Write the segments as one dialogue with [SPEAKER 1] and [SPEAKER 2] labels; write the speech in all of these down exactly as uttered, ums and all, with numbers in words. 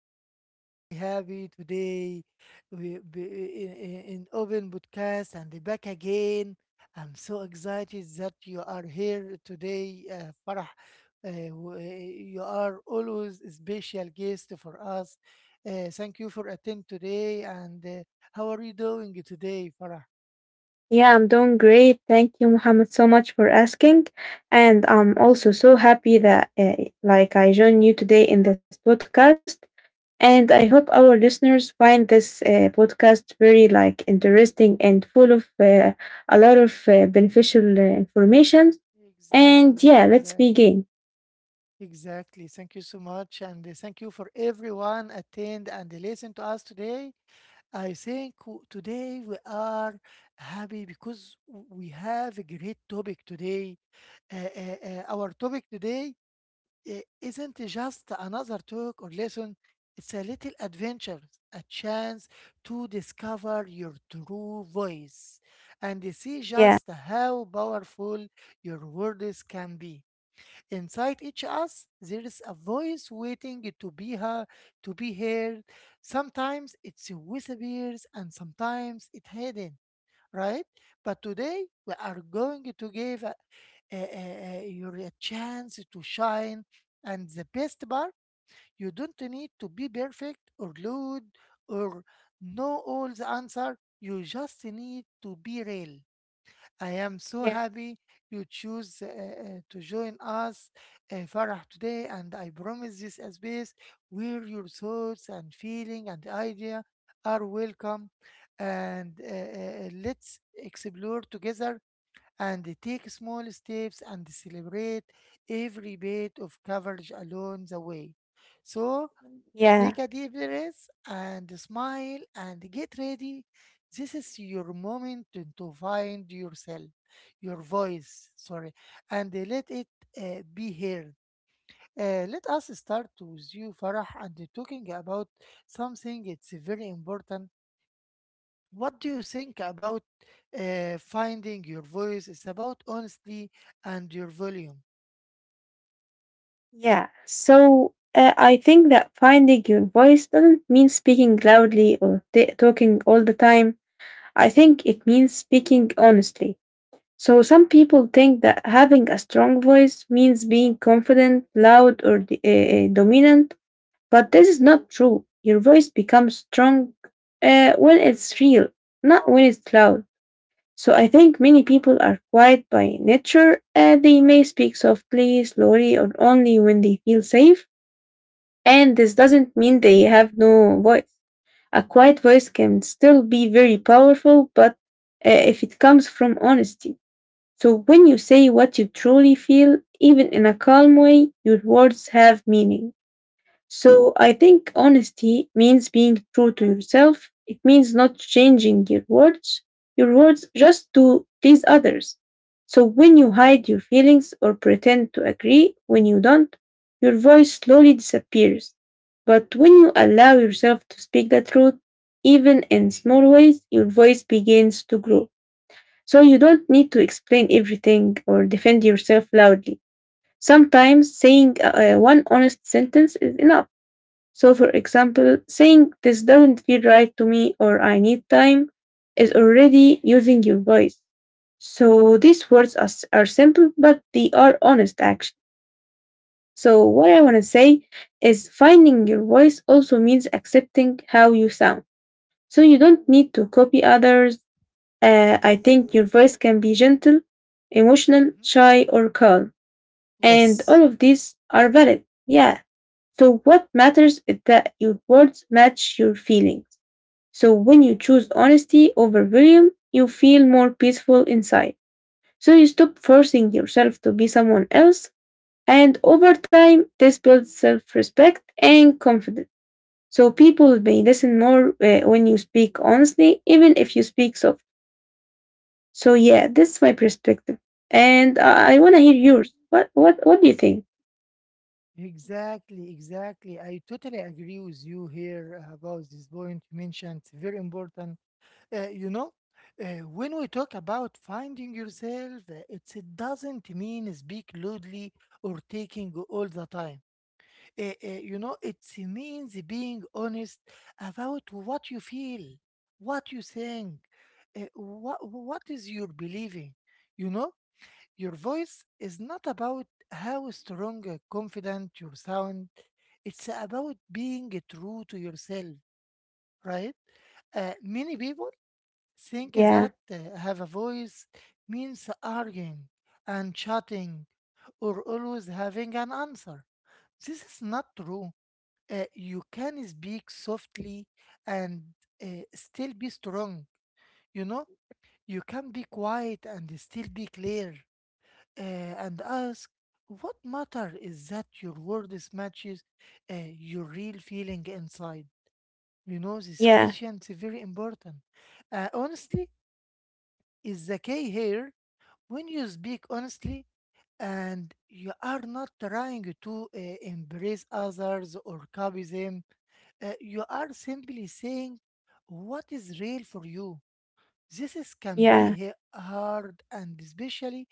[SPEAKER 1] are very happy today. We be in, in in Open Podcast and back again. I'm so excited that you are here today, uh, Farah. Uh, w- uh, you are always a special guest for us. Uh, thank you for attending today. And uh, how are you doing today, Farah?
[SPEAKER 2] Yeah, I'm doing great. Thank you, Muhammad, so much for asking. And I'm also so happy that uh, like I joined you today in this podcast. And I hope our listeners find this uh, podcast very like interesting and full of uh, a lot of uh, beneficial uh, information. And
[SPEAKER 1] Exactly,
[SPEAKER 2] yeah, let's
[SPEAKER 1] exactly.
[SPEAKER 2] begin.
[SPEAKER 1] Exactly. Thank you so much, and uh, thank you for everyone attend and listen to us today. I think w- today we are happy because we have a great topic today. Uh, uh, uh, our topic today uh, isn't just another talk or lesson, it's a little adventure, a chance to discover your true voice and see just
[SPEAKER 2] Yeah,
[SPEAKER 1] how powerful your words can be. Inside each us there is a voice waiting to be heard to be heard Sometimes it's whispers and sometimes it's hidden, right? But today we are going to give uh, uh, uh, you a chance to shine, and the best part, you don't need to be perfect or good or know all the answer. You just need to be real. I am so
[SPEAKER 2] yeah,
[SPEAKER 1] happy you choose uh, uh, to join us, uh, Farah, today, and I promise this a space where your thoughts and feeling and idea are welcome. And uh, uh, let's explore together and take small steps and celebrate every bit of coverage along the way. So,
[SPEAKER 2] yeah,
[SPEAKER 1] take a deep breath and smile and get ready. This is your moment to, to find yourself, your voice, sorry, and let it uh, be heard. Uh, let us start with you, Farah, and talking about something it's very important. What do you think about uh, finding your voice? It's about honesty and your volume.
[SPEAKER 2] yeah. So uh, I think that finding your voice doesn't mean speaking loudly or t- talking all the time. I think it means speaking honestly. So some people think that having a strong voice means being confident, loud, or d- uh, dominant, but this is not true. Your voice becomes strong uh, when it's real, not when it's loud. So I think many people are quiet by nature. Uh, they may speak softly, slowly, or only when they feel safe, and this doesn't mean they have no voice. A quiet voice can still be very powerful, but uh, if it comes from honesty. So when you say what you truly feel, even in a calm way, your words have meaning. So I think honesty means being true to yourself. It means not changing your words, your words just to please others. So when you hide your feelings or pretend to agree when you don't, your voice slowly disappears. But when you allow yourself to speak the truth, even in small ways, your voice begins to grow. So you don't need to explain everything or defend yourself loudly. Sometimes saying uh, uh, one honest sentence is enough. So, for example, saying this doesn't feel right to me or I need time is already using your voice. So, these words are, s- are simple, but they are honest actually. So, what I want to say is finding your voice also means accepting how you sound. So, you don't need to copy others. Uh,
[SPEAKER 1] Yes.
[SPEAKER 2] I think your voice can be gentle, emotional,
[SPEAKER 1] Mm-hmm.
[SPEAKER 2] shy, or calm. And
[SPEAKER 1] Yes.
[SPEAKER 2] all of these are valid. Yeah, so, what matters is that your words match your feelings. So, when you choose honesty over volume, you feel more peaceful inside. So, you stop forcing yourself to be someone else. And over time, this builds self respect and confidence. So, people may listen more uh, when you speak honestly, even if you speak soft. So, yeah, this is my perspective. And I, I want to hear yours. What, what, what do you think?
[SPEAKER 1] Exactly, exactly. I totally agree with you here about this point you mentioned. It's very important. Uh, you know, uh, when we talk about finding yourself, uh, it's, it doesn't mean speak loudly or taking all the time. Uh, uh, you know, it means being honest about what you feel, what you think, uh, what, what is your believing. You know, your voice is not about how strong or confident you sound, it's about being true to yourself, right? Uh, many people think
[SPEAKER 2] Yeah,
[SPEAKER 1] that uh, have a voice means arguing and chatting or always having an answer. This is not true. Uh, you can speak softly and uh, still be strong. You know, you can be quiet and still be clear, uh, and ask. What matter is that your words matches uh, your real feeling inside. You know this
[SPEAKER 2] yeah,
[SPEAKER 1] question is very important. Uh, honestly is the key here. When you speak honestly and you are not trying to uh, embrace others or copy them, uh, you are simply saying what is real for you. This, is, can be
[SPEAKER 2] yeah,
[SPEAKER 1] he- hard, and especially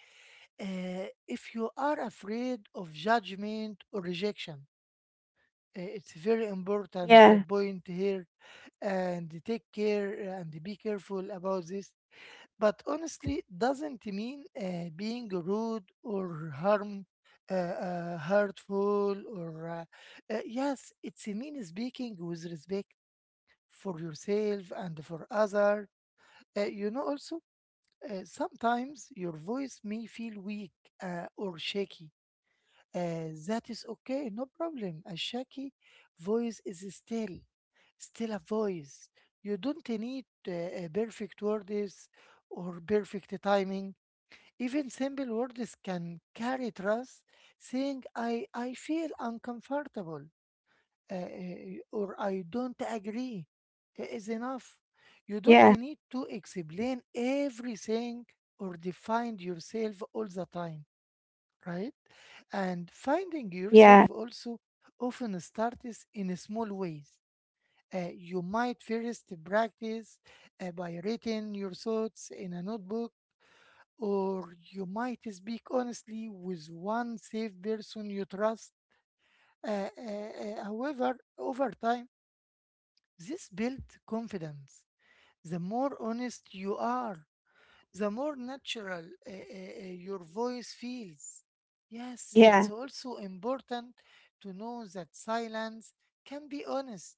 [SPEAKER 1] uh, if you are afraid of judgment or rejection. Uh, it's very important uh,
[SPEAKER 2] yeah,
[SPEAKER 1] point here, and take care uh, and be careful about this. But honestly, doesn't mean uh, being rude or harm, uh, uh, hurtful, or uh, uh, yes, it's mean speaking with respect for yourself and for other. Uh, you know, also uh, sometimes your voice may feel weak uh, or shaky. Uh, that is okay, no problem. A shaky voice is still, still a voice. You don't need uh, uh, perfect words or perfect timing. Even simple words can carry trust. Saying I, I feel uncomfortable uh, uh, or I don't agree is enough. You don't
[SPEAKER 2] yeah,
[SPEAKER 1] need to explain everything or define yourself all the time, right? And finding
[SPEAKER 2] yeah,
[SPEAKER 1] yourself also often starts in small ways. Uh, you might first practice uh, by writing your thoughts in a notebook, or you might speak honestly with one safe person you trust. Uh, uh, uh, however, over time, this builds confidence. The more honest you are, the more natural uh, uh, uh, your voice feels. Yes,
[SPEAKER 2] yeah.
[SPEAKER 1] it's also important to know that silence can be honest.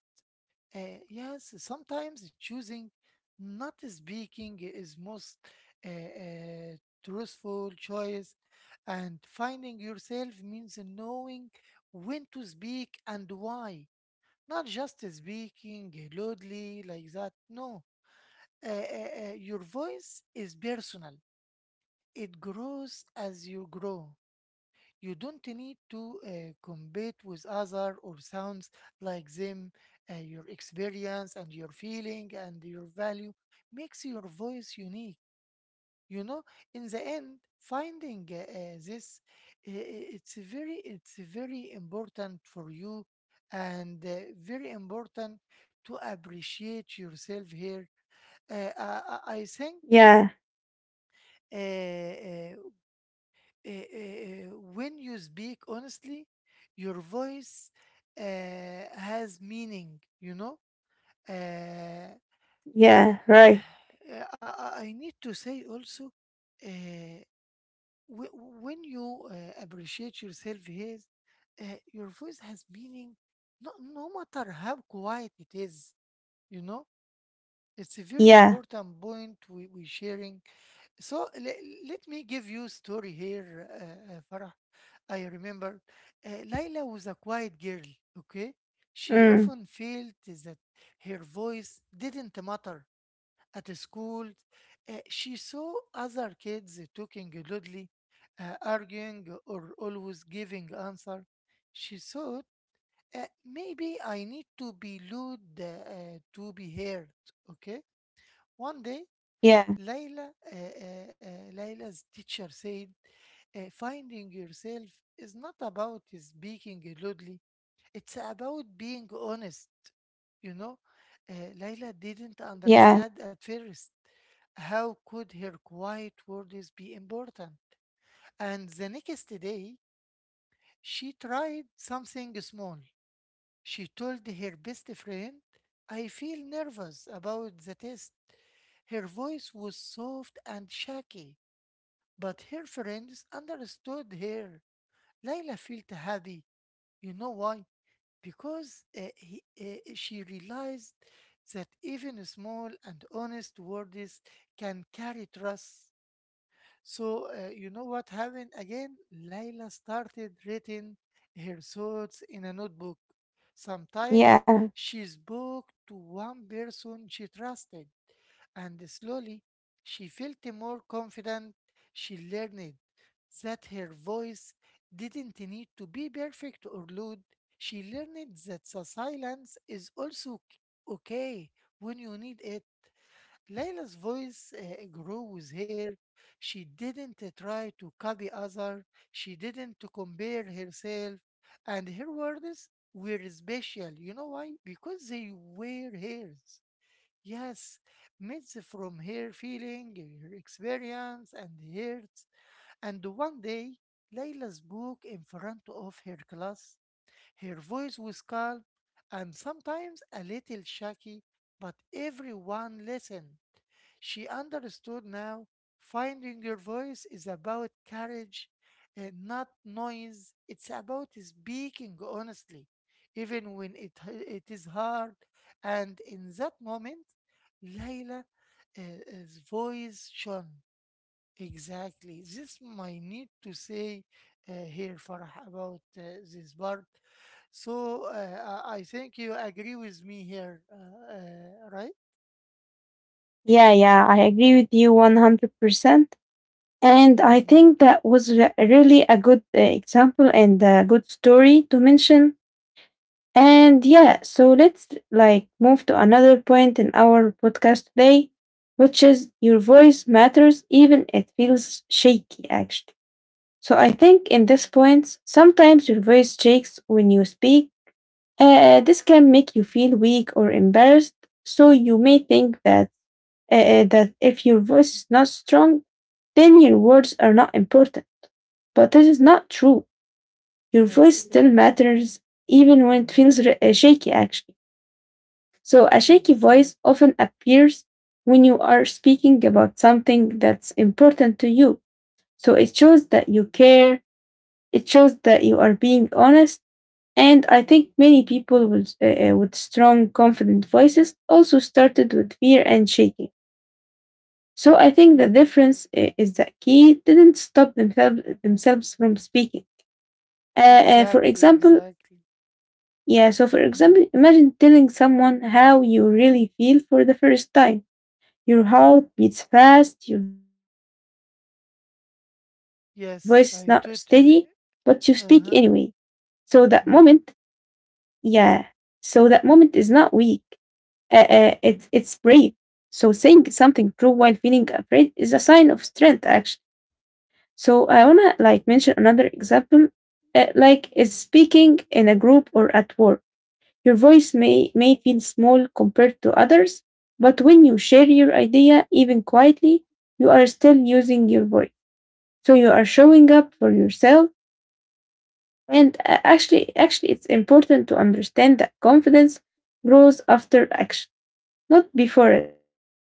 [SPEAKER 1] Uh, yes, sometimes choosing not speaking is most uh, uh, truthful choice, and finding yourself means knowing when to speak and why. Not just speaking loudly like that. No, uh, uh, uh, your voice is personal, it grows as you grow. You don't need to uh, compete with other or sounds like them. Uh, your experience and your feeling and your value makes your voice unique. You know, in the end, finding uh, uh, this, uh, it's very, it's very important for you, and uh, very important to appreciate yourself here. Uh, I, I I think
[SPEAKER 2] Yeah,
[SPEAKER 1] uh, uh, uh, uh, when you speak honestly, your voice uh, has meaning, you know. Uh,
[SPEAKER 2] yeah, right.
[SPEAKER 1] I, I I need to say also, uh, wh- when you uh, appreciate yourself, here, uh, your voice has meaning, no, no matter how quiet it is, you know. It's a very
[SPEAKER 2] Yeah,
[SPEAKER 1] important point we we sharing. So le- let me give you a story here, uh, uh, Farah. I remember uh, Laila was a quiet girl, okay? She
[SPEAKER 2] mm,
[SPEAKER 1] often felt that her voice didn't matter at the school. Uh, she saw other kids talking loudly, uh, arguing, or always giving answer. She thought, uh, maybe I need to be loud uh, uh, to be heard, okay? One day,
[SPEAKER 2] yeah,
[SPEAKER 1] Layla, uh, uh, uh, Layla's teacher said, uh, finding yourself is not about speaking loudly, it's about being honest. You know, uh, Layla didn't
[SPEAKER 2] yeah,
[SPEAKER 1] understand at first. How could her quiet words be important? And the next day, she tried something small. She told her best friend, I feel nervous about the test. Her voice was soft and shaky, but her friends understood her. Layla felt happy. You know why? Because uh, he, uh, she realized that even small and honest words can carry trust. So, uh, you know what happened again? Layla started writing her thoughts in a notebook. Sometimes
[SPEAKER 2] yeah,
[SPEAKER 1] she spoke to one person she trusted, and slowly she felt more confident. She learned that her voice didn't need to be perfect or loud. She learned that the silence is also k- okay when you need it. Layla's voice uh, grew with her. She didn't uh, try to copy other. She didn't to compare herself, and her words were special. You know why? Because they were hers. Yes, myths from her feeling, her experience, and hurt. And one day, Layla spoke in front of her class. Her voice was calm and sometimes a little shaky, but everyone listened. She understood now, finding your voice is about courage and not noise. It's about speaking honestly, even when it, it is hard. And in that moment, Layla's voice shone. Exactly. This might need to say uh, here, Farah, about uh, this part. So uh, I I think you agree with me here, uh, uh, right?
[SPEAKER 2] yeah, yeah. I agree with you one hundred percent. And I
[SPEAKER 1] Mm,
[SPEAKER 2] think that was re- really a good uh, example and a good story to mention. And yeah, so let's like move to another point in our podcast today, which is your voice matters even it feels shaky actually. So I think in this point, sometimes your voice shakes when you speak. Uh, uh, this can make you feel weak or embarrassed, so you may think that uh, uh, that if your voice is not strong, then your words are not important. But this is not true. Your voice
[SPEAKER 1] yes. Uh,
[SPEAKER 2] still matters, even when it
[SPEAKER 1] hmm.
[SPEAKER 2] feels r- uh, shaky. Actually, so a shaky voice
[SPEAKER 1] Exactly.
[SPEAKER 2] often appears when you are speaking about something that's important to you. So it shows that you care. It shows that you are being honest. And I think many people with, uh, uh, with strong, confident voices also started with fear and shaking. So I think the difference uh, is that key didn't stop themselves themselves from speaking. Uh, uh, for
[SPEAKER 1] Exactly.
[SPEAKER 2] example,
[SPEAKER 1] Exactly.
[SPEAKER 2] yeah. So for
[SPEAKER 1] Hmm.
[SPEAKER 2] example, imagine telling someone how you really feel for the first time. Your heart beats fast, your voice is not steady, but you speak anyway.
[SPEAKER 1] Yes, I
[SPEAKER 2] So that
[SPEAKER 1] totally.
[SPEAKER 2] moment,
[SPEAKER 1] Uh-huh.
[SPEAKER 2] yeah.
[SPEAKER 1] Hmm.
[SPEAKER 2] So that moment is not weak. Uh, uh, it, it's brave. So saying something true while feeling afraid is a sign of strength, actually. So I wanna like mention another example, uh, like is speaking in a group or at work. Your voice may may feel small compared to others, but when you share your idea, even quietly, you are still using your voice. So you are showing up for yourself. And uh, actually, actually, it's important to understand that confidence grows after action, not before it.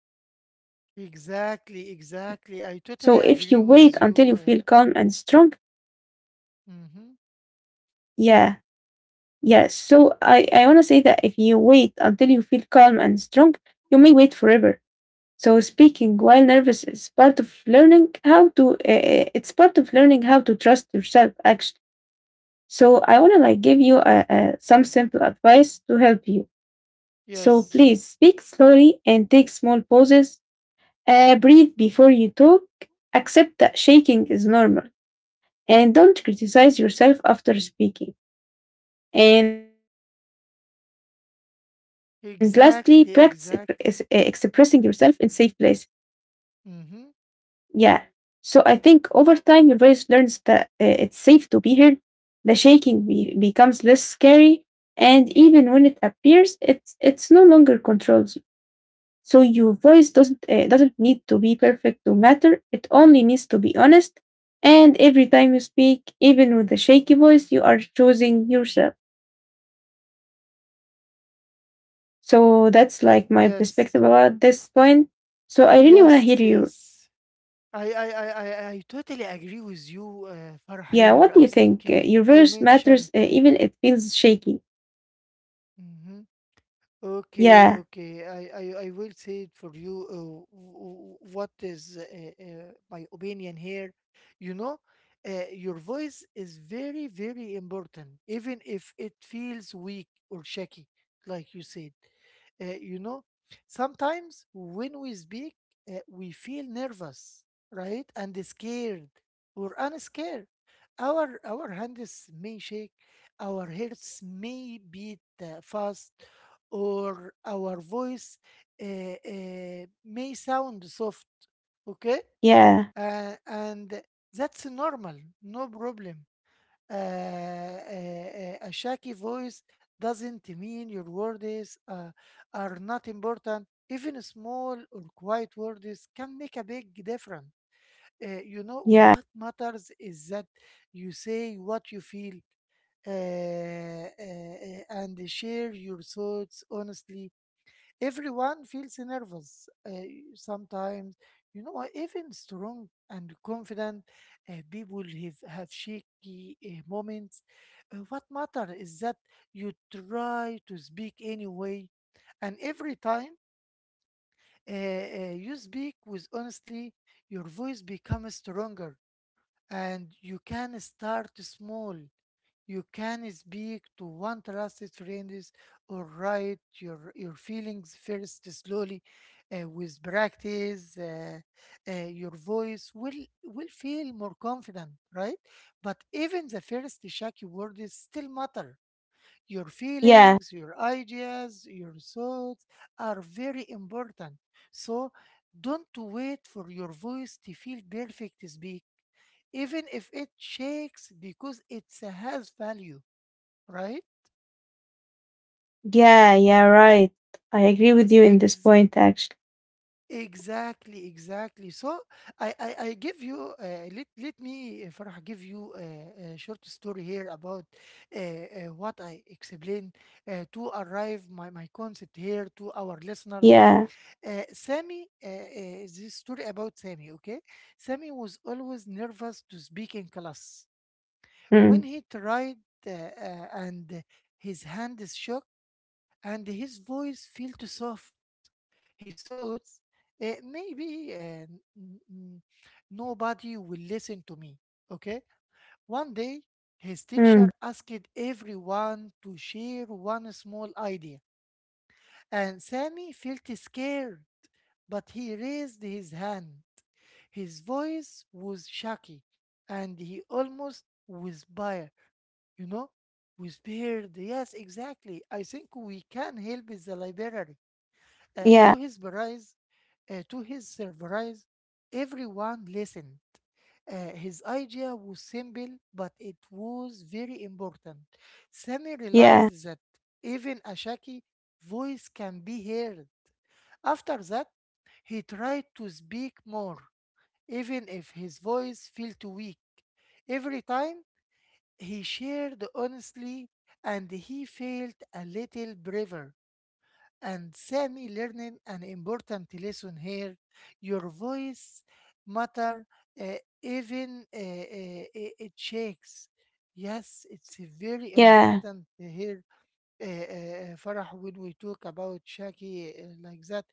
[SPEAKER 2] So if you wait until you
[SPEAKER 1] Exactly.
[SPEAKER 2] feel calm and
[SPEAKER 1] Exactly. I
[SPEAKER 2] strong,
[SPEAKER 1] totally agree with you. Uh,
[SPEAKER 2] yeah,
[SPEAKER 1] hmm.
[SPEAKER 2] yeah. So I, I want to say that if you wait until you feel calm and strong, you may wait forever. So speaking while nervous is part of learning how to, uh, it's part of learning how to trust yourself actually. So I want to like give you uh, uh, some simple advice to help you. So please
[SPEAKER 1] Yes.
[SPEAKER 2] speak slowly and take small pauses. Uh, breathe before you talk. Accept that shaking is normal and don't criticize yourself after speaking. And lastly, practice ex- ex- eh, expressing yourself in safe
[SPEAKER 1] Exactly.
[SPEAKER 2] places.
[SPEAKER 1] Exactly.
[SPEAKER 2] Yeah. So I
[SPEAKER 1] Hmm.
[SPEAKER 2] think over time, your voice learns that uh, it's safe to be heard. The shaking be- becomes less scary. And even when it appears, it's, it's no longer controls you. So your voice doesn't uh, doesn't need to be perfect to matter. It only needs to be honest. And every time you speak, even with a shaky voice, you are choosing yourself. So that's like my
[SPEAKER 1] Yes.
[SPEAKER 2] perspective about this point. So I really want to hear
[SPEAKER 1] Yes.
[SPEAKER 2] yours.
[SPEAKER 1] Yes. I,
[SPEAKER 2] Yeah,
[SPEAKER 1] I,
[SPEAKER 2] what
[SPEAKER 1] I,
[SPEAKER 2] do you
[SPEAKER 1] I,
[SPEAKER 2] think?
[SPEAKER 1] I
[SPEAKER 2] Uh, Your
[SPEAKER 1] totally
[SPEAKER 2] voice
[SPEAKER 1] agree with
[SPEAKER 2] matters uh,
[SPEAKER 1] you,
[SPEAKER 2] even
[SPEAKER 1] uh,
[SPEAKER 2] it
[SPEAKER 1] Farah,
[SPEAKER 2] feels
[SPEAKER 1] here. I
[SPEAKER 2] shaky.
[SPEAKER 1] think you, you mentioned uh, mhm, okay,
[SPEAKER 2] Yeah,
[SPEAKER 1] okay. I, I, I will say it for you uh, w- w- what is uh, uh, my opinion here. You know, uh, your voice is very, very important, even if it feels weak or shaky, like you said. Uh, you know, sometimes when we speak, uh, we feel nervous, right? And scared or unscared. Our, our hands may shake, our hearts may beat uh, fast, or our voice uh, uh, may sound soft, okay?
[SPEAKER 2] yeah,
[SPEAKER 1] Uh, and that's normal, no problem. Uh, uh, uh, a shaky voice doesn't mean your words uh, are not important. Even small or quiet words can make a big difference. Uh, you know,
[SPEAKER 2] yeah,
[SPEAKER 1] what matters is that you say what you feel uh, uh, uh, and share your thoughts honestly. Everyone feels nervous uh, sometimes. You know, uh, even strong and confident uh, people have, have shaky uh, moments. Uh, what matter is that you try to speak anyway, and every time uh, uh, you speak with honestly, your voice becomes stronger, and you can start small. You can speak to one trusted friend or write your, your feelings first slowly. Uh, with practice, uh, uh, your voice will, will feel more confident, right? But even the first shaky words still matter. Your
[SPEAKER 2] yeah,
[SPEAKER 1] feelings, your ideas, your thoughts are very important. So don't wait for your voice to feel perfect to speak, even if it shakes because it has value, right?
[SPEAKER 2] yeah, yeah, right. I agree with you in this
[SPEAKER 1] Ex-
[SPEAKER 2] point actually.
[SPEAKER 1] exactly, exactly. So I, I, I give you uh, let let me uh, Farah, give you a, a short story here about uh, uh, what I explained uh, to arrive my my concept here to our listeners.
[SPEAKER 2] Yeah.
[SPEAKER 1] Uh, Sammy, uh, uh, this story about Sammy. Okay, Sammy was always nervous to speak in class. When
[SPEAKER 2] Mm,
[SPEAKER 1] he tried uh, uh, and his hand is shook and his voice felt soft, he thought, "Eh, maybe uh, n- n- nobody will listen to me." Okay? One day, his
[SPEAKER 2] mm,
[SPEAKER 1] teacher asked everyone to share one small idea, and Sammy felt scared, but he raised his hand. His voice was shaky, and he almost whispered, you know? Whispered, yes, exactly. I think we can help the library. Uh,
[SPEAKER 2] yeah,
[SPEAKER 1] to his surprise, uh, to his surprise, everyone listened. Uh, his idea was simple, but it was very important. Sammy
[SPEAKER 2] yeah,
[SPEAKER 1] realized that even a shaky voice can be heard. After that, he tried to speak more, even if his voice felt weak. Every time, he shared honestly and he felt a little braver. And Sami learning an important lesson here. Your voice matter uh, even uh, uh, uh, it shakes. Yes, it's a very
[SPEAKER 2] yeah.
[SPEAKER 1] important here, uh, uh, Farah, when we talk about Shaki uh, like that.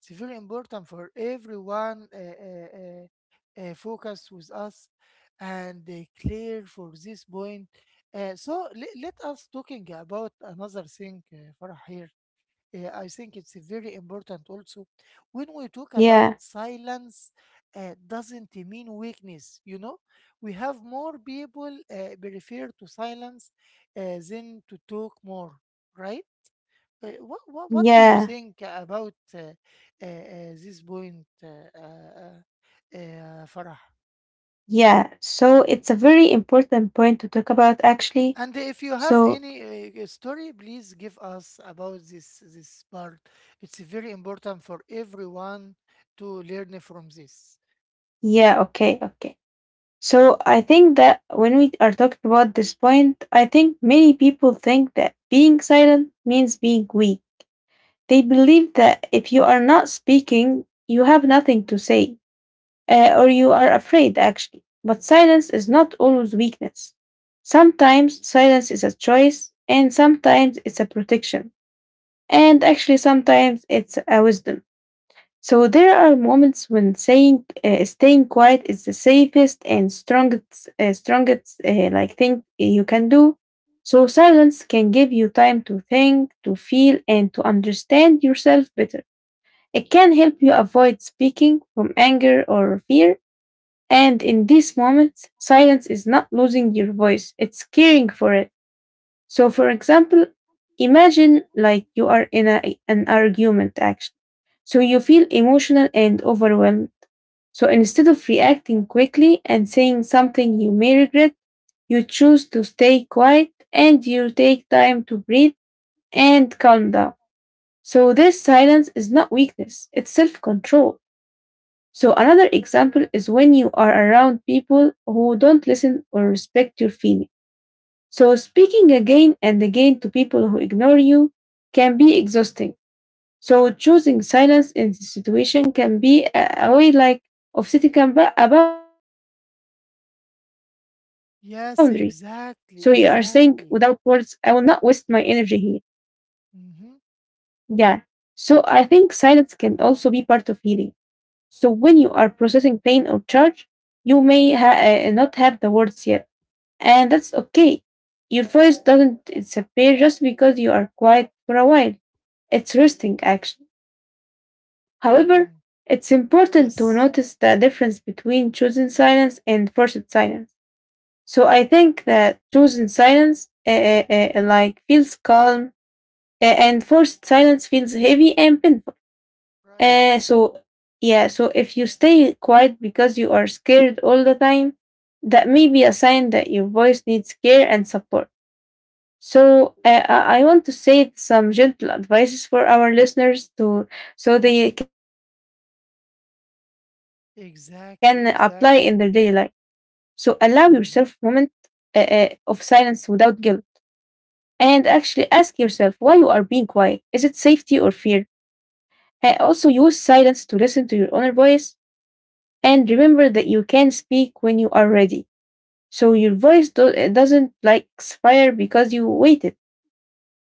[SPEAKER 1] It's very important for everyone uh, uh, uh, uh, focus with us and uh, clear for this point. Uh, so le- let us talking about another thing, uh, Farah here. uh, I think it's very important also when we talk about
[SPEAKER 2] Yeah,
[SPEAKER 1] silence uh, doesn't mean weakness. You know we have more people uh, prefer to silence uh, than to talk more, right? Uh, what, what what do you
[SPEAKER 2] yeah,
[SPEAKER 1] think about uh, uh, uh, this point, uh, uh, uh, uh, Farah?
[SPEAKER 2] yeah. So it's a very important point to talk about, actually.
[SPEAKER 1] And if you have
[SPEAKER 2] So,
[SPEAKER 1] any uh, story, please give us about this this part. It's very important for everyone to learn from this.
[SPEAKER 2] yeah, okay, okay. So I think that when we are talking about this point, I think many people think that being silent means being weak. They believe that if you are not speaking, you have nothing to say, uh, or you are afraid, actually. But silence is not always weakness. Sometimes silence is a choice, and sometimes it's a protection. and actually sometimes it's a wisdom. So there are moments when saying uh, staying quiet is the safest and strongest uh, strongest uh, like thing you can do. So silence can give you time to think, to feel and to understand yourself better. It can help you avoid speaking from anger or fear, and in these moments silence is not losing your voice, it's caring for it. So, for example, imagine like you are in a, an argument actually. So, you feel emotional and overwhelmed. So, instead of reacting quickly and saying something you may regret, you choose to stay quiet and you take time to breathe and calm down. So, this silence is not weakness, it's self control. So, another example is when you are around people who don't listen or respect your feelings. So, speaking again and again to people who ignore you can be exhausting. So, choosing silence in this situation can be a, a way like of setting a, ba- a boundary. So, you are saying without words, I
[SPEAKER 1] Yes,
[SPEAKER 2] will not waste my
[SPEAKER 1] exactly,
[SPEAKER 2] energy here.
[SPEAKER 1] exactly.
[SPEAKER 2] Yeah. So,
[SPEAKER 1] Mm-hmm.
[SPEAKER 2] I think silence can also be part of healing. So, when you are processing pain or charge, you may ha- uh, not have the words yet. And that's okay. Your voice doesn't disappear just because you are quiet for a while. It's resting action. However,
[SPEAKER 1] Hmm.
[SPEAKER 2] it's important to
[SPEAKER 1] Yes,
[SPEAKER 2] notice the difference between chosen silence and forced silence. So I think that chosen silence uh, uh, uh, like feels calm uh, and forced silence feels heavy and painful.
[SPEAKER 1] right.
[SPEAKER 2] Uh, so yeah, so if you stay quiet because you are scared all the time, that may be a sign that your voice needs care and support. So uh, I I want to say some gentle advices for our listeners to so they can apply in their daily life. So allow
[SPEAKER 1] Exactly,
[SPEAKER 2] yourself moment
[SPEAKER 1] exactly.
[SPEAKER 2] uh, uh, of silence
[SPEAKER 1] Mm-hmm.
[SPEAKER 2] without guilt, and actually ask yourself why you are being quiet. Is it safety or fear? Uh, also, use silence to listen to your inner voice, and remember that you can speak when you are ready. So your voice do- uh, doesn't like expire because you waited.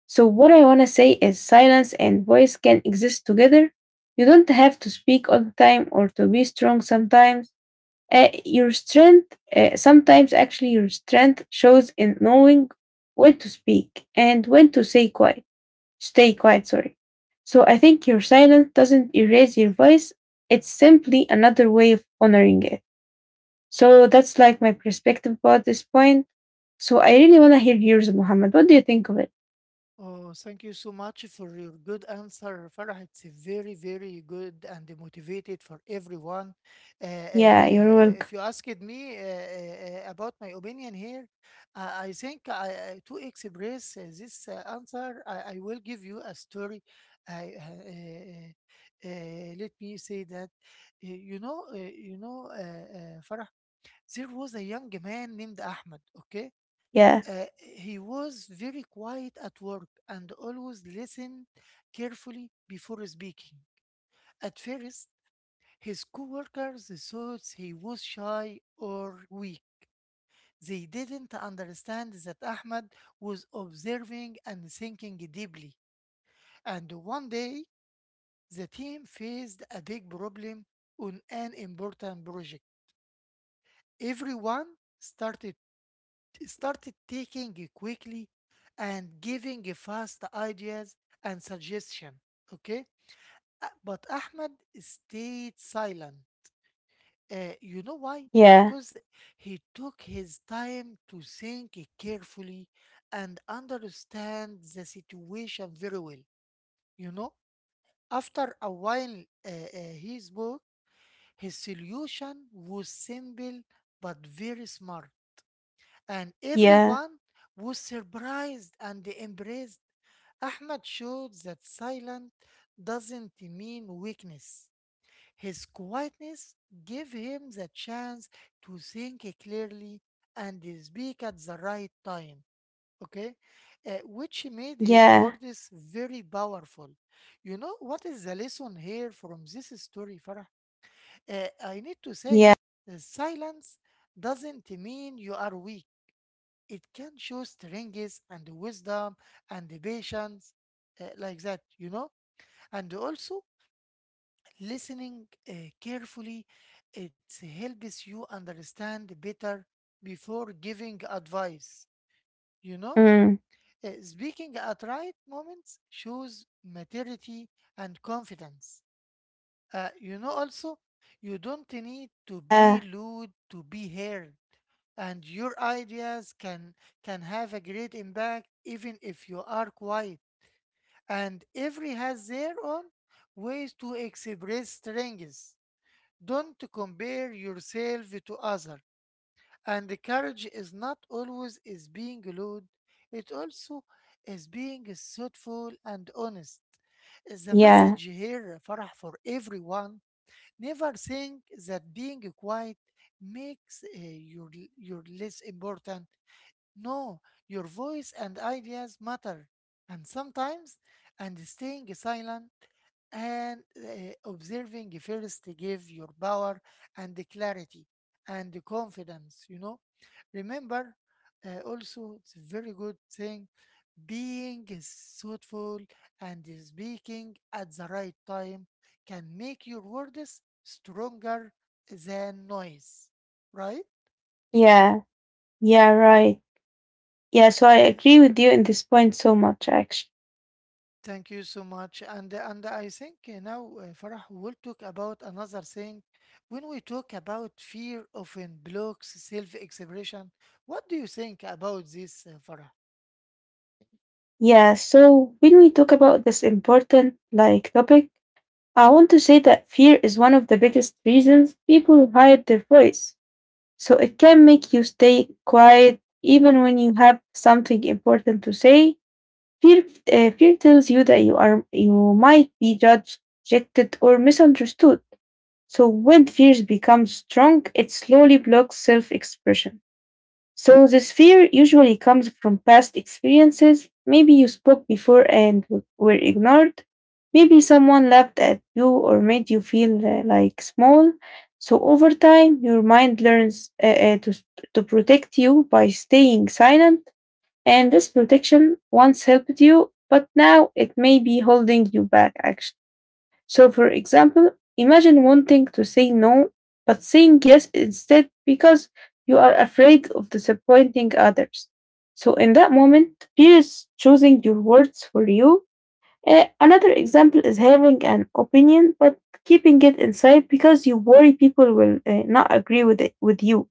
[SPEAKER 2] So, what I want to say is silence and voice can exist together. You don't have to speak all the time or to be strong sometimes. Uh, your strength, uh, sometimes actually, your strength shows in knowing when to speak and when to say quiet, stay quiet, sorry. So, I think your silence doesn't erase your
[SPEAKER 1] Yes.
[SPEAKER 2] voice, it's simply another way of honoring it. So, that's like my perspective about this point. So, I really want to hear yours, Muhammad. What do you think of it?
[SPEAKER 1] Oh, thank you so much for your good answer, Farah. It's a very, very good and motivated for everyone. Uh, uh,
[SPEAKER 2] Yeah, you're
[SPEAKER 1] uh,
[SPEAKER 2] welcome.
[SPEAKER 1] if you asked me uh, uh, uh, about my opinion here, uh, I think I, I- to express uh, this uh, answer, I, I will give you a story. I, uh, uh, uh, let me say that, uh, you know, uh, you know, uh, uh, Farah, there was a young man named Ahmed. Okay,
[SPEAKER 2] Yeah.
[SPEAKER 1] uh, he was very quiet at work and always listened carefully before speaking. At first, his coworkers thought he was shy or weak. They didn't understand that Ahmed was observing and thinking deeply. And one day, the team faced a big problem on an important project. Everyone started started taking quickly and giving fast ideas and suggestion, okay. Uh, but ahmed stayed silent. Uh, you know why?
[SPEAKER 2] Yeah,
[SPEAKER 1] Because he took his time to think carefully and understand the situation very well, you know. After a while, uh, uh, he spoke. His solution was simple, but very smart, and
[SPEAKER 2] yeah,
[SPEAKER 1] everyone was surprised and impressed. Ahmad showed that silence doesn't mean weakness. His quietness gave him the chance to think clearly and speak at the right time, okay? Uh, which made his
[SPEAKER 2] yeah,
[SPEAKER 1] words very powerful. You know what is the lesson here from this story, Farah? Uh, I need to
[SPEAKER 2] yeah,
[SPEAKER 1] say, uh, silence doesn't mean you are weak. It can show strength and wisdom and the patience, uh, like that, you know. And also, listening uh, carefully, it helps you understand better before giving advice, you know.
[SPEAKER 2] mm,
[SPEAKER 1] Uh, speaking at right moments shows maturity and confidence. Uh, you know, also, you don't need to be
[SPEAKER 2] yeah,
[SPEAKER 1] loud to be heard, and your ideas can can have a great impact even if you are quiet. And every has their own ways to express strengths. Don't compare yourself to other. And the courage is not always is being loud. It also is being thoughtful and honest. The
[SPEAKER 2] yeah,
[SPEAKER 1] message here, Farah, for everyone: never think that being quiet makes uh, you, l- you less important. No, your voice and ideas matter. And sometimes, and staying silent and uh, observing first to give your power and the clarity and the confidence, you know. Remember, uh, also, it's a very good thing being thoughtful and speaking at the right time can make your words stronger than noise, right?
[SPEAKER 2] yeah, yeah, right. Yeah, so I
[SPEAKER 1] Eh,
[SPEAKER 2] agree with you in this point so much, actually.
[SPEAKER 1] Thank you so much. And and I think uh, now, uh, Farah, we'll talk about another thing. When we talk about fear often blocks self-expression, what do you think about this, uh, Farah?
[SPEAKER 2] Yeah, so when we talk about this important like topic, I want to say that fear is one of the biggest reasons people hide their voice. So it can make you stay quiet even when you have something important to say. Fear, uh, fear tells you that you are you might be judged, rejected, or misunderstood. So when fears become strong, it slowly blocks self expression. So this fear usually comes from past experiences. Maybe you spoke before and w- were ignored. Maybe someone laughed at you or made you feel uh, like small. So over time, your mind learns uh, uh, to, s- to protect you by staying silent. And this protection once helped you, but now it may be holding you back actually. So, for example, imagine wanting to say no, but saying yes instead because you are afraid of disappointing others. So, in that moment, fear is choosing your words for you. Uh, another example is having an opinion but keeping it inside because you worry people will uh, not agree with it with you.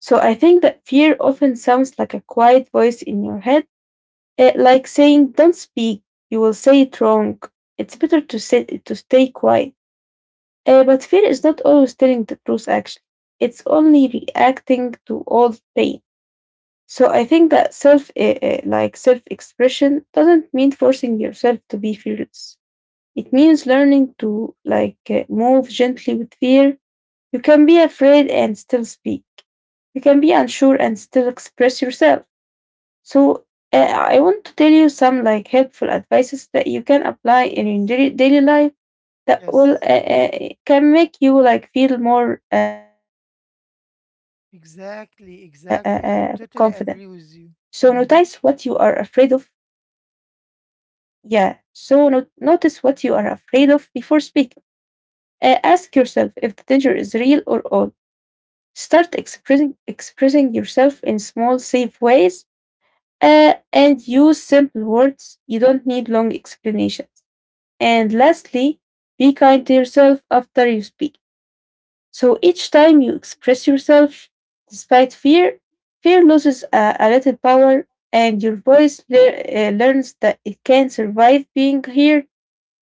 [SPEAKER 2] So, I think that fear often sounds like a quiet voice in your head, uh, like saying, "Don't speak. You will say it wrong." It's better to sit to stay quiet. Uh, but fear is not always telling the truth, actually. It's only reacting to all pain. So I think that self, uh, uh, like self expression doesn't mean forcing yourself to be fearless. It means learning to like uh, move gently with fear. You can be afraid and still speak. You can be unsure and still express yourself. So uh, I want to tell you some like helpful advices that you can apply in your
[SPEAKER 1] Yes.
[SPEAKER 2] daily daily life that will
[SPEAKER 1] Yes,
[SPEAKER 2] uh, uh, can make you like feel more uh, uh, uh, confident. So
[SPEAKER 1] exactly,
[SPEAKER 2] notice what you
[SPEAKER 1] exactly.
[SPEAKER 2] are
[SPEAKER 1] I
[SPEAKER 2] afraid
[SPEAKER 1] totally
[SPEAKER 2] of.
[SPEAKER 1] agree with you. Mm-hmm.
[SPEAKER 2] Yeah so no- notice what you are afraid of before speaking. Uh, ask yourself if the danger is real or all. Start expressing expressing yourself in small safe ways. Uh, and use simple words. You don't need long explanations. And lastly, be kind to yourself after you speak. So each time you express yourself despite fear, fear loses a, a little power and your voice lear- uh, learns that it can survive being here.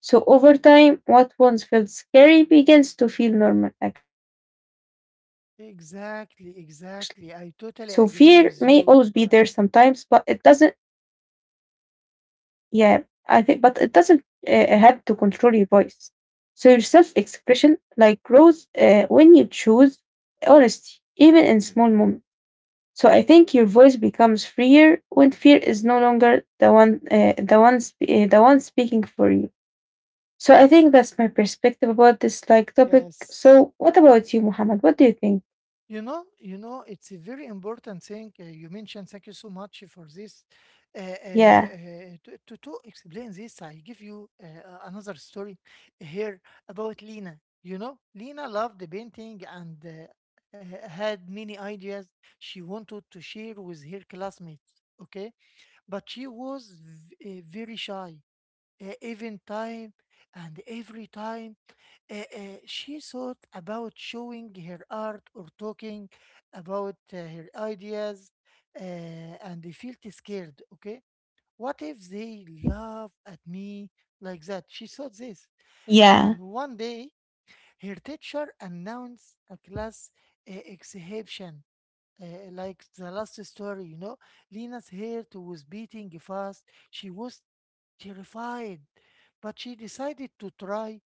[SPEAKER 2] So over time, what once felt scary begins to feel normal actually. So fear may always be
[SPEAKER 1] Exactly,
[SPEAKER 2] there
[SPEAKER 1] exactly.
[SPEAKER 2] sometimes,
[SPEAKER 1] I
[SPEAKER 2] but it
[SPEAKER 1] totally
[SPEAKER 2] doesn't,
[SPEAKER 1] agree with you, Farah.
[SPEAKER 2] yeah, I think, but it doesn't uh, uh, have to control your voice. So your self-expression like grows uh, when you choose honesty, even in small moments. So I think your voice becomes freer when fear is no longer the one, uh, the one, sp- uh, the one speaking for you. So I think that's my perspective about this like topic.
[SPEAKER 1] Yes.
[SPEAKER 2] So what about you, Muhammad? What do you think?
[SPEAKER 1] You know, you know, it's a very important thing uh, you mentioned. Thank you so much for this. Uh, uh, uh,
[SPEAKER 2] Yeah,
[SPEAKER 1] to, to to explain this, I give you uh, uh, another story here about Lena. You know, Lena loved the painting and uh, uh, had many ideas she wanted to share with her classmates. Okay, but she was v- uh, very shy. Uh, even time and every time, uh, uh, she thought about showing her art or talking about uh, her ideas, uh, and they felt scared. Okay, what if they laugh at me, like that she thought this.
[SPEAKER 2] yeah,
[SPEAKER 1] And one day, her teacher announced a class uh, exhibition, uh, like the last story, you know. Lena's heart was beating fast. She was terrified, but she decided to try,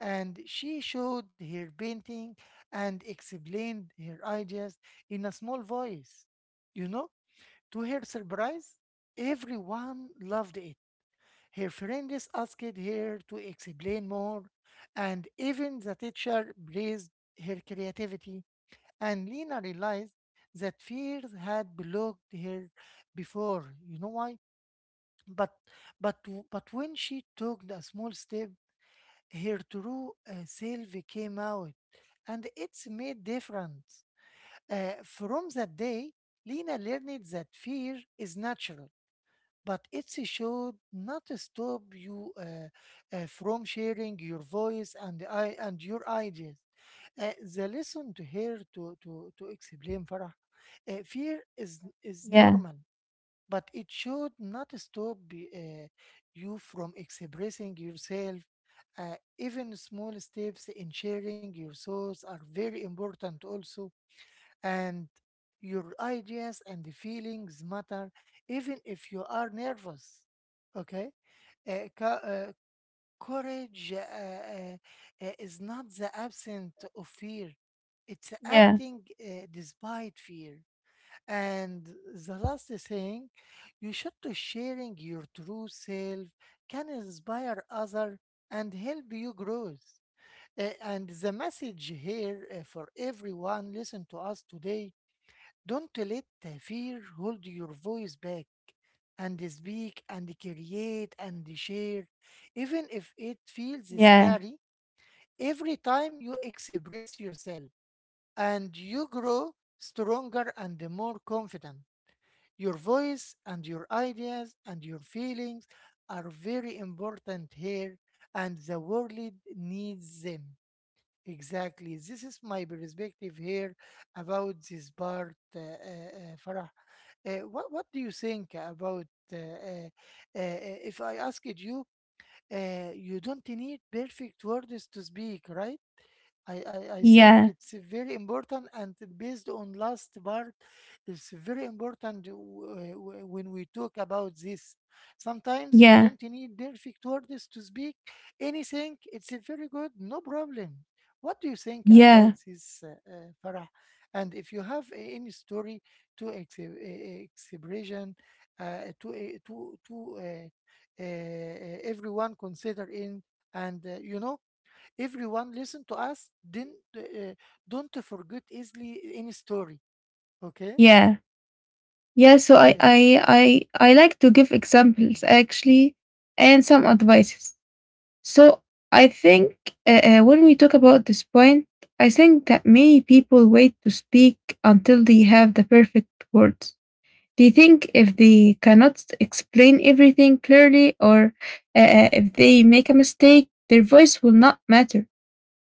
[SPEAKER 1] and she showed her painting and explained her ideas in a small voice. You know, to her surprise, everyone loved it. Her friends asked her to explain more, and even the teacher praised her creativity. And Lena realized that fears had blocked her before. You know why? But but w- but when she took a small step, her true uh, self came out, and it's made difference. Uh, from that day, Lena learned that fear is natural, but it should not stop you uh, uh, from sharing your voice and I and your ideas. Uh, the lesson to her to to to explain, Farah, uh, fear is is
[SPEAKER 2] yeah,
[SPEAKER 1] normal, but it should not stop y- uh, you from expressing yourself. Uh, even small steps in sharing your thoughts are very important, also, and your ideas and the feelings matter, even if you are nervous. Okay, Uh, co- uh, courage uh, uh, uh, is not the absence of fear; it's
[SPEAKER 2] yeah,
[SPEAKER 1] acting uh, despite fear. And the last thing, you should to sharing your true self can inspire other and help you grow. Uh, and the message here uh, for everyone listen to us today, don't let the fear hold your voice back and speak and create and share, even if it feels
[SPEAKER 2] yeah,
[SPEAKER 1] scary. Every time you express yourself and you grow stronger and more confident. Your voice and your ideas and your feelings are very important here, and the world needs them. Exactly. This is my perspective here about this part, uh, uh, uh, Farah. Uh, what, what do you think about uh, uh, uh, uh, if I asked you, uh, you don't need perfect words to speak, right? I, I, I think
[SPEAKER 2] yeah,
[SPEAKER 1] it's very important and based on last part, it's very important w- w- when we talk about this. Sometimes you
[SPEAKER 2] yeah,
[SPEAKER 1] don't need perfect words to speak anything. It's a very good, no problem. What do you think about
[SPEAKER 2] yeah,
[SPEAKER 1] this, uh, uh, farah? And if you have a- any story to ex- e, expression uh, to a- to to uh, uh, everyone consider in, and uh, you know, everyone listen to us then, uh, don't forget easily any story, okay?
[SPEAKER 2] yeah, yeah. So I,
[SPEAKER 1] Yes,
[SPEAKER 2] I, I, I like to give examples actually, and some advices. So I think uh, uh, when we talk about this point, I think that many people wait to speak until they have the perfect words. They think if they cannot s- explain everything clearly or uh, uh, if they make a mistake, their voice will not matter.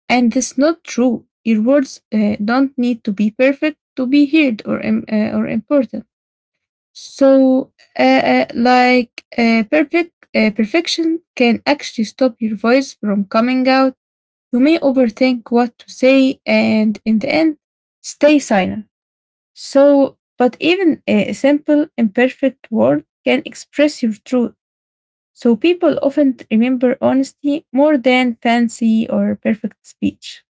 [SPEAKER 2] And that's not true. Your words uh, don't need to be perfect to be heard or, im- uh, or important. So, uh, uh, like, uh, perfect uh, perfection can actually stop your voice from coming out. You may overthink what to say, and in the end, stay silent. So, but even a simple, imperfect word can express your truth. So, people often remember honesty more than fancy or perfect speech.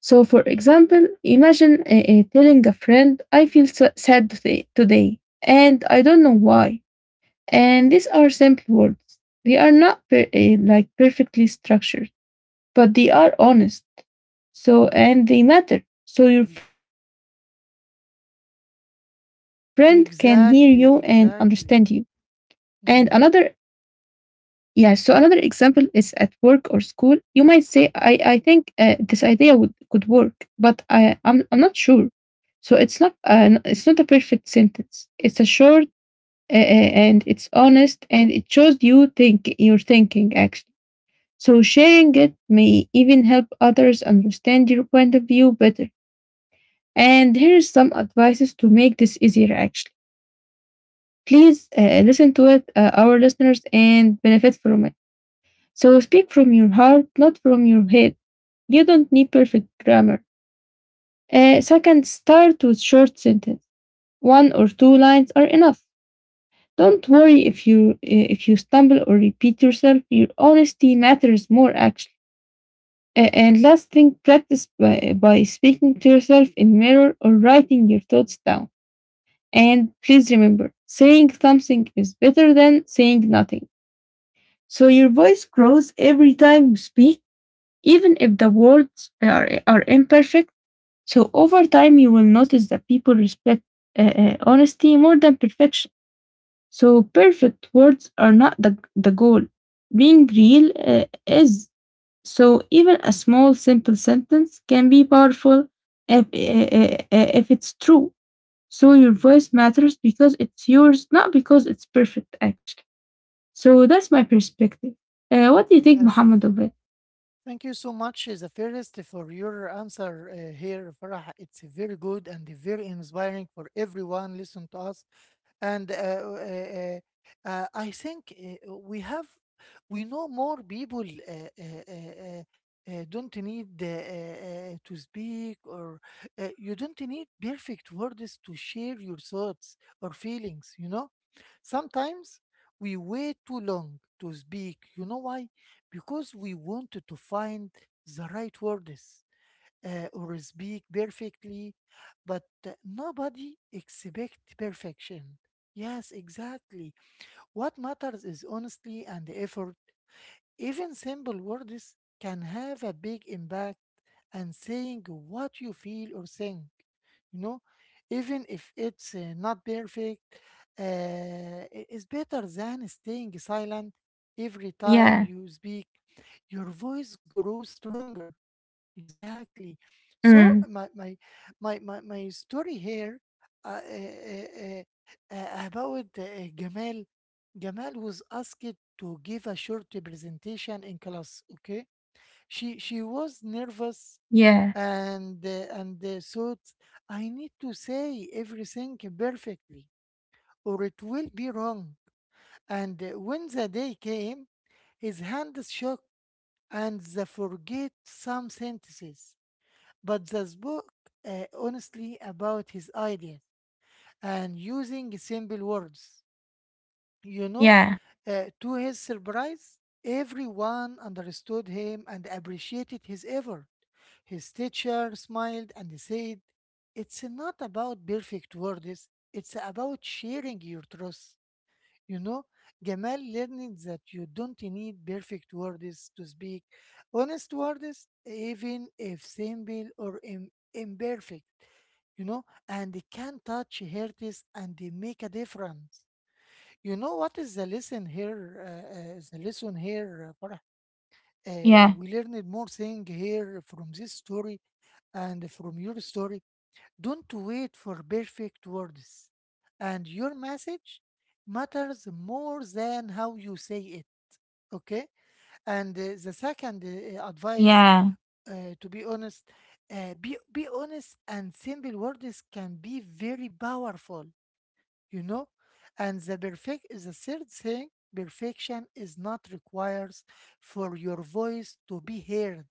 [SPEAKER 2] So, for example, imagine uh, uh, telling a friend, I feel so sad today, today, and I don't know why, and these are simple words. They are not per- eh, like perfectly structured, but they are honest. So, and they matter. So your friend can hear you and understand you. And
[SPEAKER 1] exactly,
[SPEAKER 2] another,
[SPEAKER 1] exactly.
[SPEAKER 2] yeah, so
[SPEAKER 1] Hmm.
[SPEAKER 2] another example is at work or school. You might say, I, I think uh, this idea would could work, but I, I'm, I'm not sure. So it's not, an, it's not a perfect sentence. It's a short uh, uh, and it's honest and it shows you think your thinking actually. So sharing it may even help others understand your point of view better. And here's some advices to make this easier actually. Please uh, listen to it, uh, our listeners, and benefit from it. So speak from your heart, not from your head. You don't need perfect grammar. Uh, second, start with short sentence. One or two lines are enough. Don't worry if you eh, if you stumble or repeat yourself. Your honesty matters more actually. A- And last thing, practice by, by speaking to yourself in mirror or writing your thoughts down. And please remember, saying something is better than saying nothing. So your voice grows every time you speak, even if the words are, are imperfect. So over time, you will notice that people respect uh, uh, honesty more than perfection. So perfect words are not the, the goal. Being real uh, is. So even a small, simple sentence can be powerful if, uh, uh, if it's true. So your voice matters because it's yours, not because it's perfect, actually. So that's my perspective. Uh, what do you think,
[SPEAKER 1] Yes,
[SPEAKER 2] Muhammad, of it?
[SPEAKER 1] thank you so much, uh, the first for your answer uh, here, Farah. It's very good and very inspiring for everyone listen to us. And uh, uh, uh, uh, I think uh, we have, we know more people uh, uh, uh, uh, uh, don't need uh, uh, uh, to speak, or uh, you don't need perfect words to share your thoughts or feelings, you know. Sometimes we wait too long to speak. You know why? Because we want to find the right words uh, or speak perfectly, but uh, nobody expect perfection. Yes, exactly. What matters is honesty and effort. Even simple words can have a big impact, and saying what you feel or think, you know, even if it's uh, not perfect, uh, i- is better than staying silent. Every time
[SPEAKER 2] Yeah.
[SPEAKER 1] you speak, your voice grows stronger. Exactly. So
[SPEAKER 2] Mm.
[SPEAKER 1] my my my my, my story here uh, uh, uh, uh, about uh, Jamal. Jamal was asked to give a short presentation in class. Okay, she she was nervous,
[SPEAKER 2] Yeah.
[SPEAKER 1] and uh, and uh, thought, I need to say everything perfectly or it will be wrong. And uh, when the day came, his hand shook and the forget some sentences, but this book uh, honestly about his ideas and using simple words. You know,
[SPEAKER 2] Yeah.
[SPEAKER 1] uh, to his surprise, everyone understood him and appreciated his effort. His teacher smiled and said, It's not about perfect words, it's about sharing your truth. You know, Gamal learning that you don't need perfect words to speak honest words, even if simple or Im- imperfect, you know, and it can touch hearts and they make a difference. You know what is the lesson here? Uh, uh, the lesson here, uh, Farah? Uh,
[SPEAKER 2] Yeah.
[SPEAKER 1] uh, we learned more thing here from this story and from your story. Don't wait for perfect words, and your message matters more than how you say it. Okay, and uh, the second uh, uh, advice,
[SPEAKER 2] Yeah.
[SPEAKER 1] uh, to be honest, uh, be be honest and simple words can be very powerful. You know, and the perfect the third thing, perfection is not requires for your voice to be heard,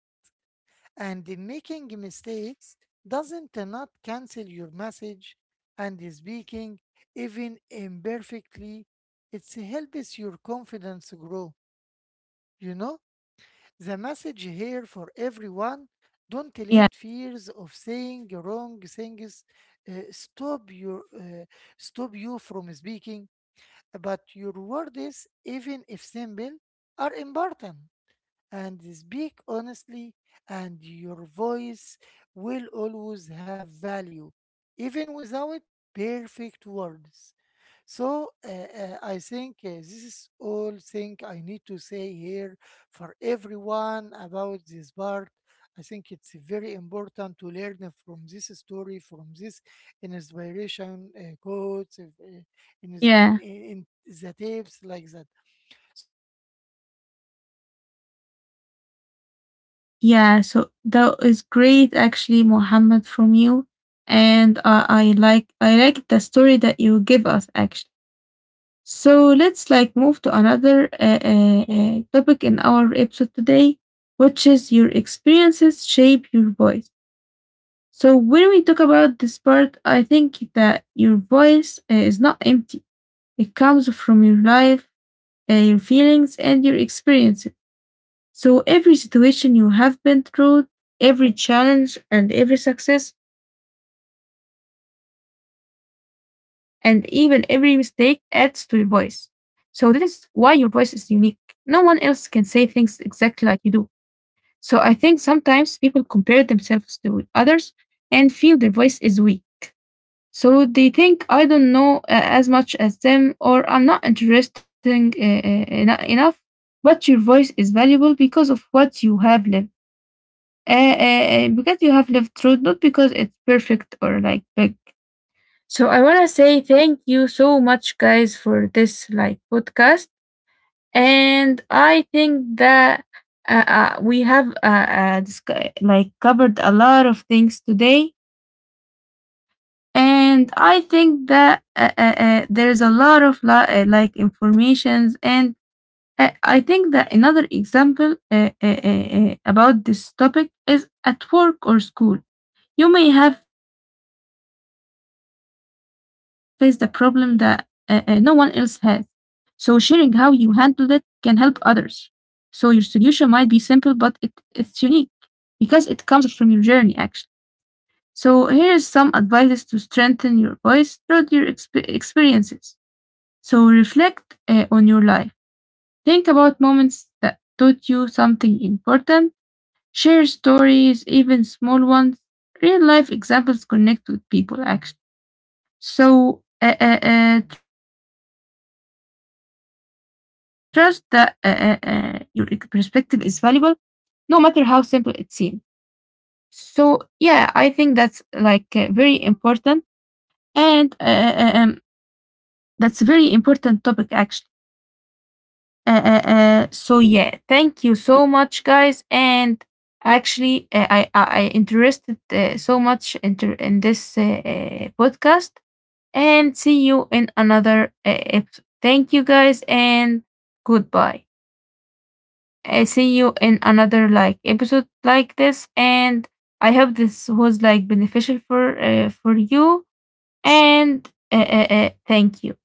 [SPEAKER 1] and the making mistakes doesn't uh, not cancel your message, and speaking even imperfectly, it helps your confidence grow, you know. The message here for everyone: don't let
[SPEAKER 2] Yeah.
[SPEAKER 1] fears of saying wrong things uh, stop your uh, stop you from speaking, but your words, even if simple, are important, and speak honestly, and your voice will always have value, even without perfect words. So uh, uh, I think uh, this is all thing I need to say here for everyone about this part. I think it's very important to learn from this story, from this inspiration uh, quotes, uh, in, in,
[SPEAKER 2] Yeah.
[SPEAKER 1] in the tapes like that. So uh, let us talking about something. It's very important to
[SPEAKER 2] Yeah,
[SPEAKER 1] also,
[SPEAKER 2] so
[SPEAKER 1] Farah,
[SPEAKER 2] that is
[SPEAKER 1] and
[SPEAKER 2] great
[SPEAKER 1] uh,
[SPEAKER 2] actually,
[SPEAKER 1] we expect
[SPEAKER 2] Mohammed,
[SPEAKER 1] uh,
[SPEAKER 2] from
[SPEAKER 1] uh,
[SPEAKER 2] you.
[SPEAKER 1] an
[SPEAKER 2] And
[SPEAKER 1] inspired
[SPEAKER 2] uh, I
[SPEAKER 1] answer
[SPEAKER 2] like I
[SPEAKER 1] again
[SPEAKER 2] like
[SPEAKER 1] from
[SPEAKER 2] the
[SPEAKER 1] you.
[SPEAKER 2] story that you give us
[SPEAKER 1] Uh, uh,
[SPEAKER 2] actually.
[SPEAKER 1] when we talk about
[SPEAKER 2] So
[SPEAKER 1] your
[SPEAKER 2] let's like move to
[SPEAKER 1] experience,
[SPEAKER 2] another uh,
[SPEAKER 1] uh,
[SPEAKER 2] uh,
[SPEAKER 1] shape
[SPEAKER 2] uh,
[SPEAKER 1] your
[SPEAKER 2] topic in
[SPEAKER 1] voice.
[SPEAKER 2] our
[SPEAKER 1] You know,
[SPEAKER 2] episode today,
[SPEAKER 1] it's
[SPEAKER 2] which
[SPEAKER 1] very
[SPEAKER 2] is your
[SPEAKER 1] important to
[SPEAKER 2] experiences
[SPEAKER 1] talk
[SPEAKER 2] shape
[SPEAKER 1] about
[SPEAKER 2] your
[SPEAKER 1] this.
[SPEAKER 2] voice.
[SPEAKER 1] Uh, what do you
[SPEAKER 2] So when
[SPEAKER 1] think
[SPEAKER 2] we talk
[SPEAKER 1] about
[SPEAKER 2] about
[SPEAKER 1] uh, uh,
[SPEAKER 2] this part, I
[SPEAKER 1] uh,
[SPEAKER 2] think
[SPEAKER 1] this, uh,
[SPEAKER 2] that
[SPEAKER 1] Farah?
[SPEAKER 2] your
[SPEAKER 1] I
[SPEAKER 2] voice uh,
[SPEAKER 1] think
[SPEAKER 2] is
[SPEAKER 1] it's
[SPEAKER 2] not
[SPEAKER 1] very
[SPEAKER 2] empty.
[SPEAKER 1] important.
[SPEAKER 2] It
[SPEAKER 1] You
[SPEAKER 2] comes
[SPEAKER 1] heard
[SPEAKER 2] from your
[SPEAKER 1] me?
[SPEAKER 2] life, uh, your feelings, and your experiences. So every situation you have been through, every challenge and every success, and even every mistake adds to your voice. So that is why your voice is unique. No one else can say things exactly like you do. So I think sometimes people compare themselves to others and feel their voice is weak. So they think I don't know uh, as much as them or I'm not interesting uh, uh, eno- enough, but your voice is valuable because of what you have lived. Uh, uh, uh, because you have lived through, not because it's perfect or like big. So I want to say thank you so much, guys, for this like podcast. And I think that uh, uh, we have uh, uh, discu- like covered a lot of things today, and I think that uh, uh, uh, there's a lot of li- uh, like informations, and uh, I think that another example uh, uh, uh, uh, about this topic is at work or school. You may have faced a problem that uh, uh, no one else has. So sharing how you handled it can help others. So your solution might be simple but it, it's unique because it comes from your journey actually. So here is some advice to strengthen your voice through your exp- experiences. So reflect uh, on your life. Think about moments that taught you something important. Share stories, even small ones. Real life examples connect with people actually. So uh, uh, uh, trust that uh, uh, uh, your ex- perspective is valuable, no matter how simple it seems. So yeah, I think that's like uh, very important, and uh, uh, um, that's very important topic actually. Uh, uh, uh, so yeah, thank you so much, guys. And actually, uh, I, I I interested uh, so much inter- in this uh, uh, podcast. And see you in another uh, episode. Thank you, guys, and goodbye. I see you in another like episode like this, and I hope this was like beneficial for uh, for you. And uh, uh, uh, thank you.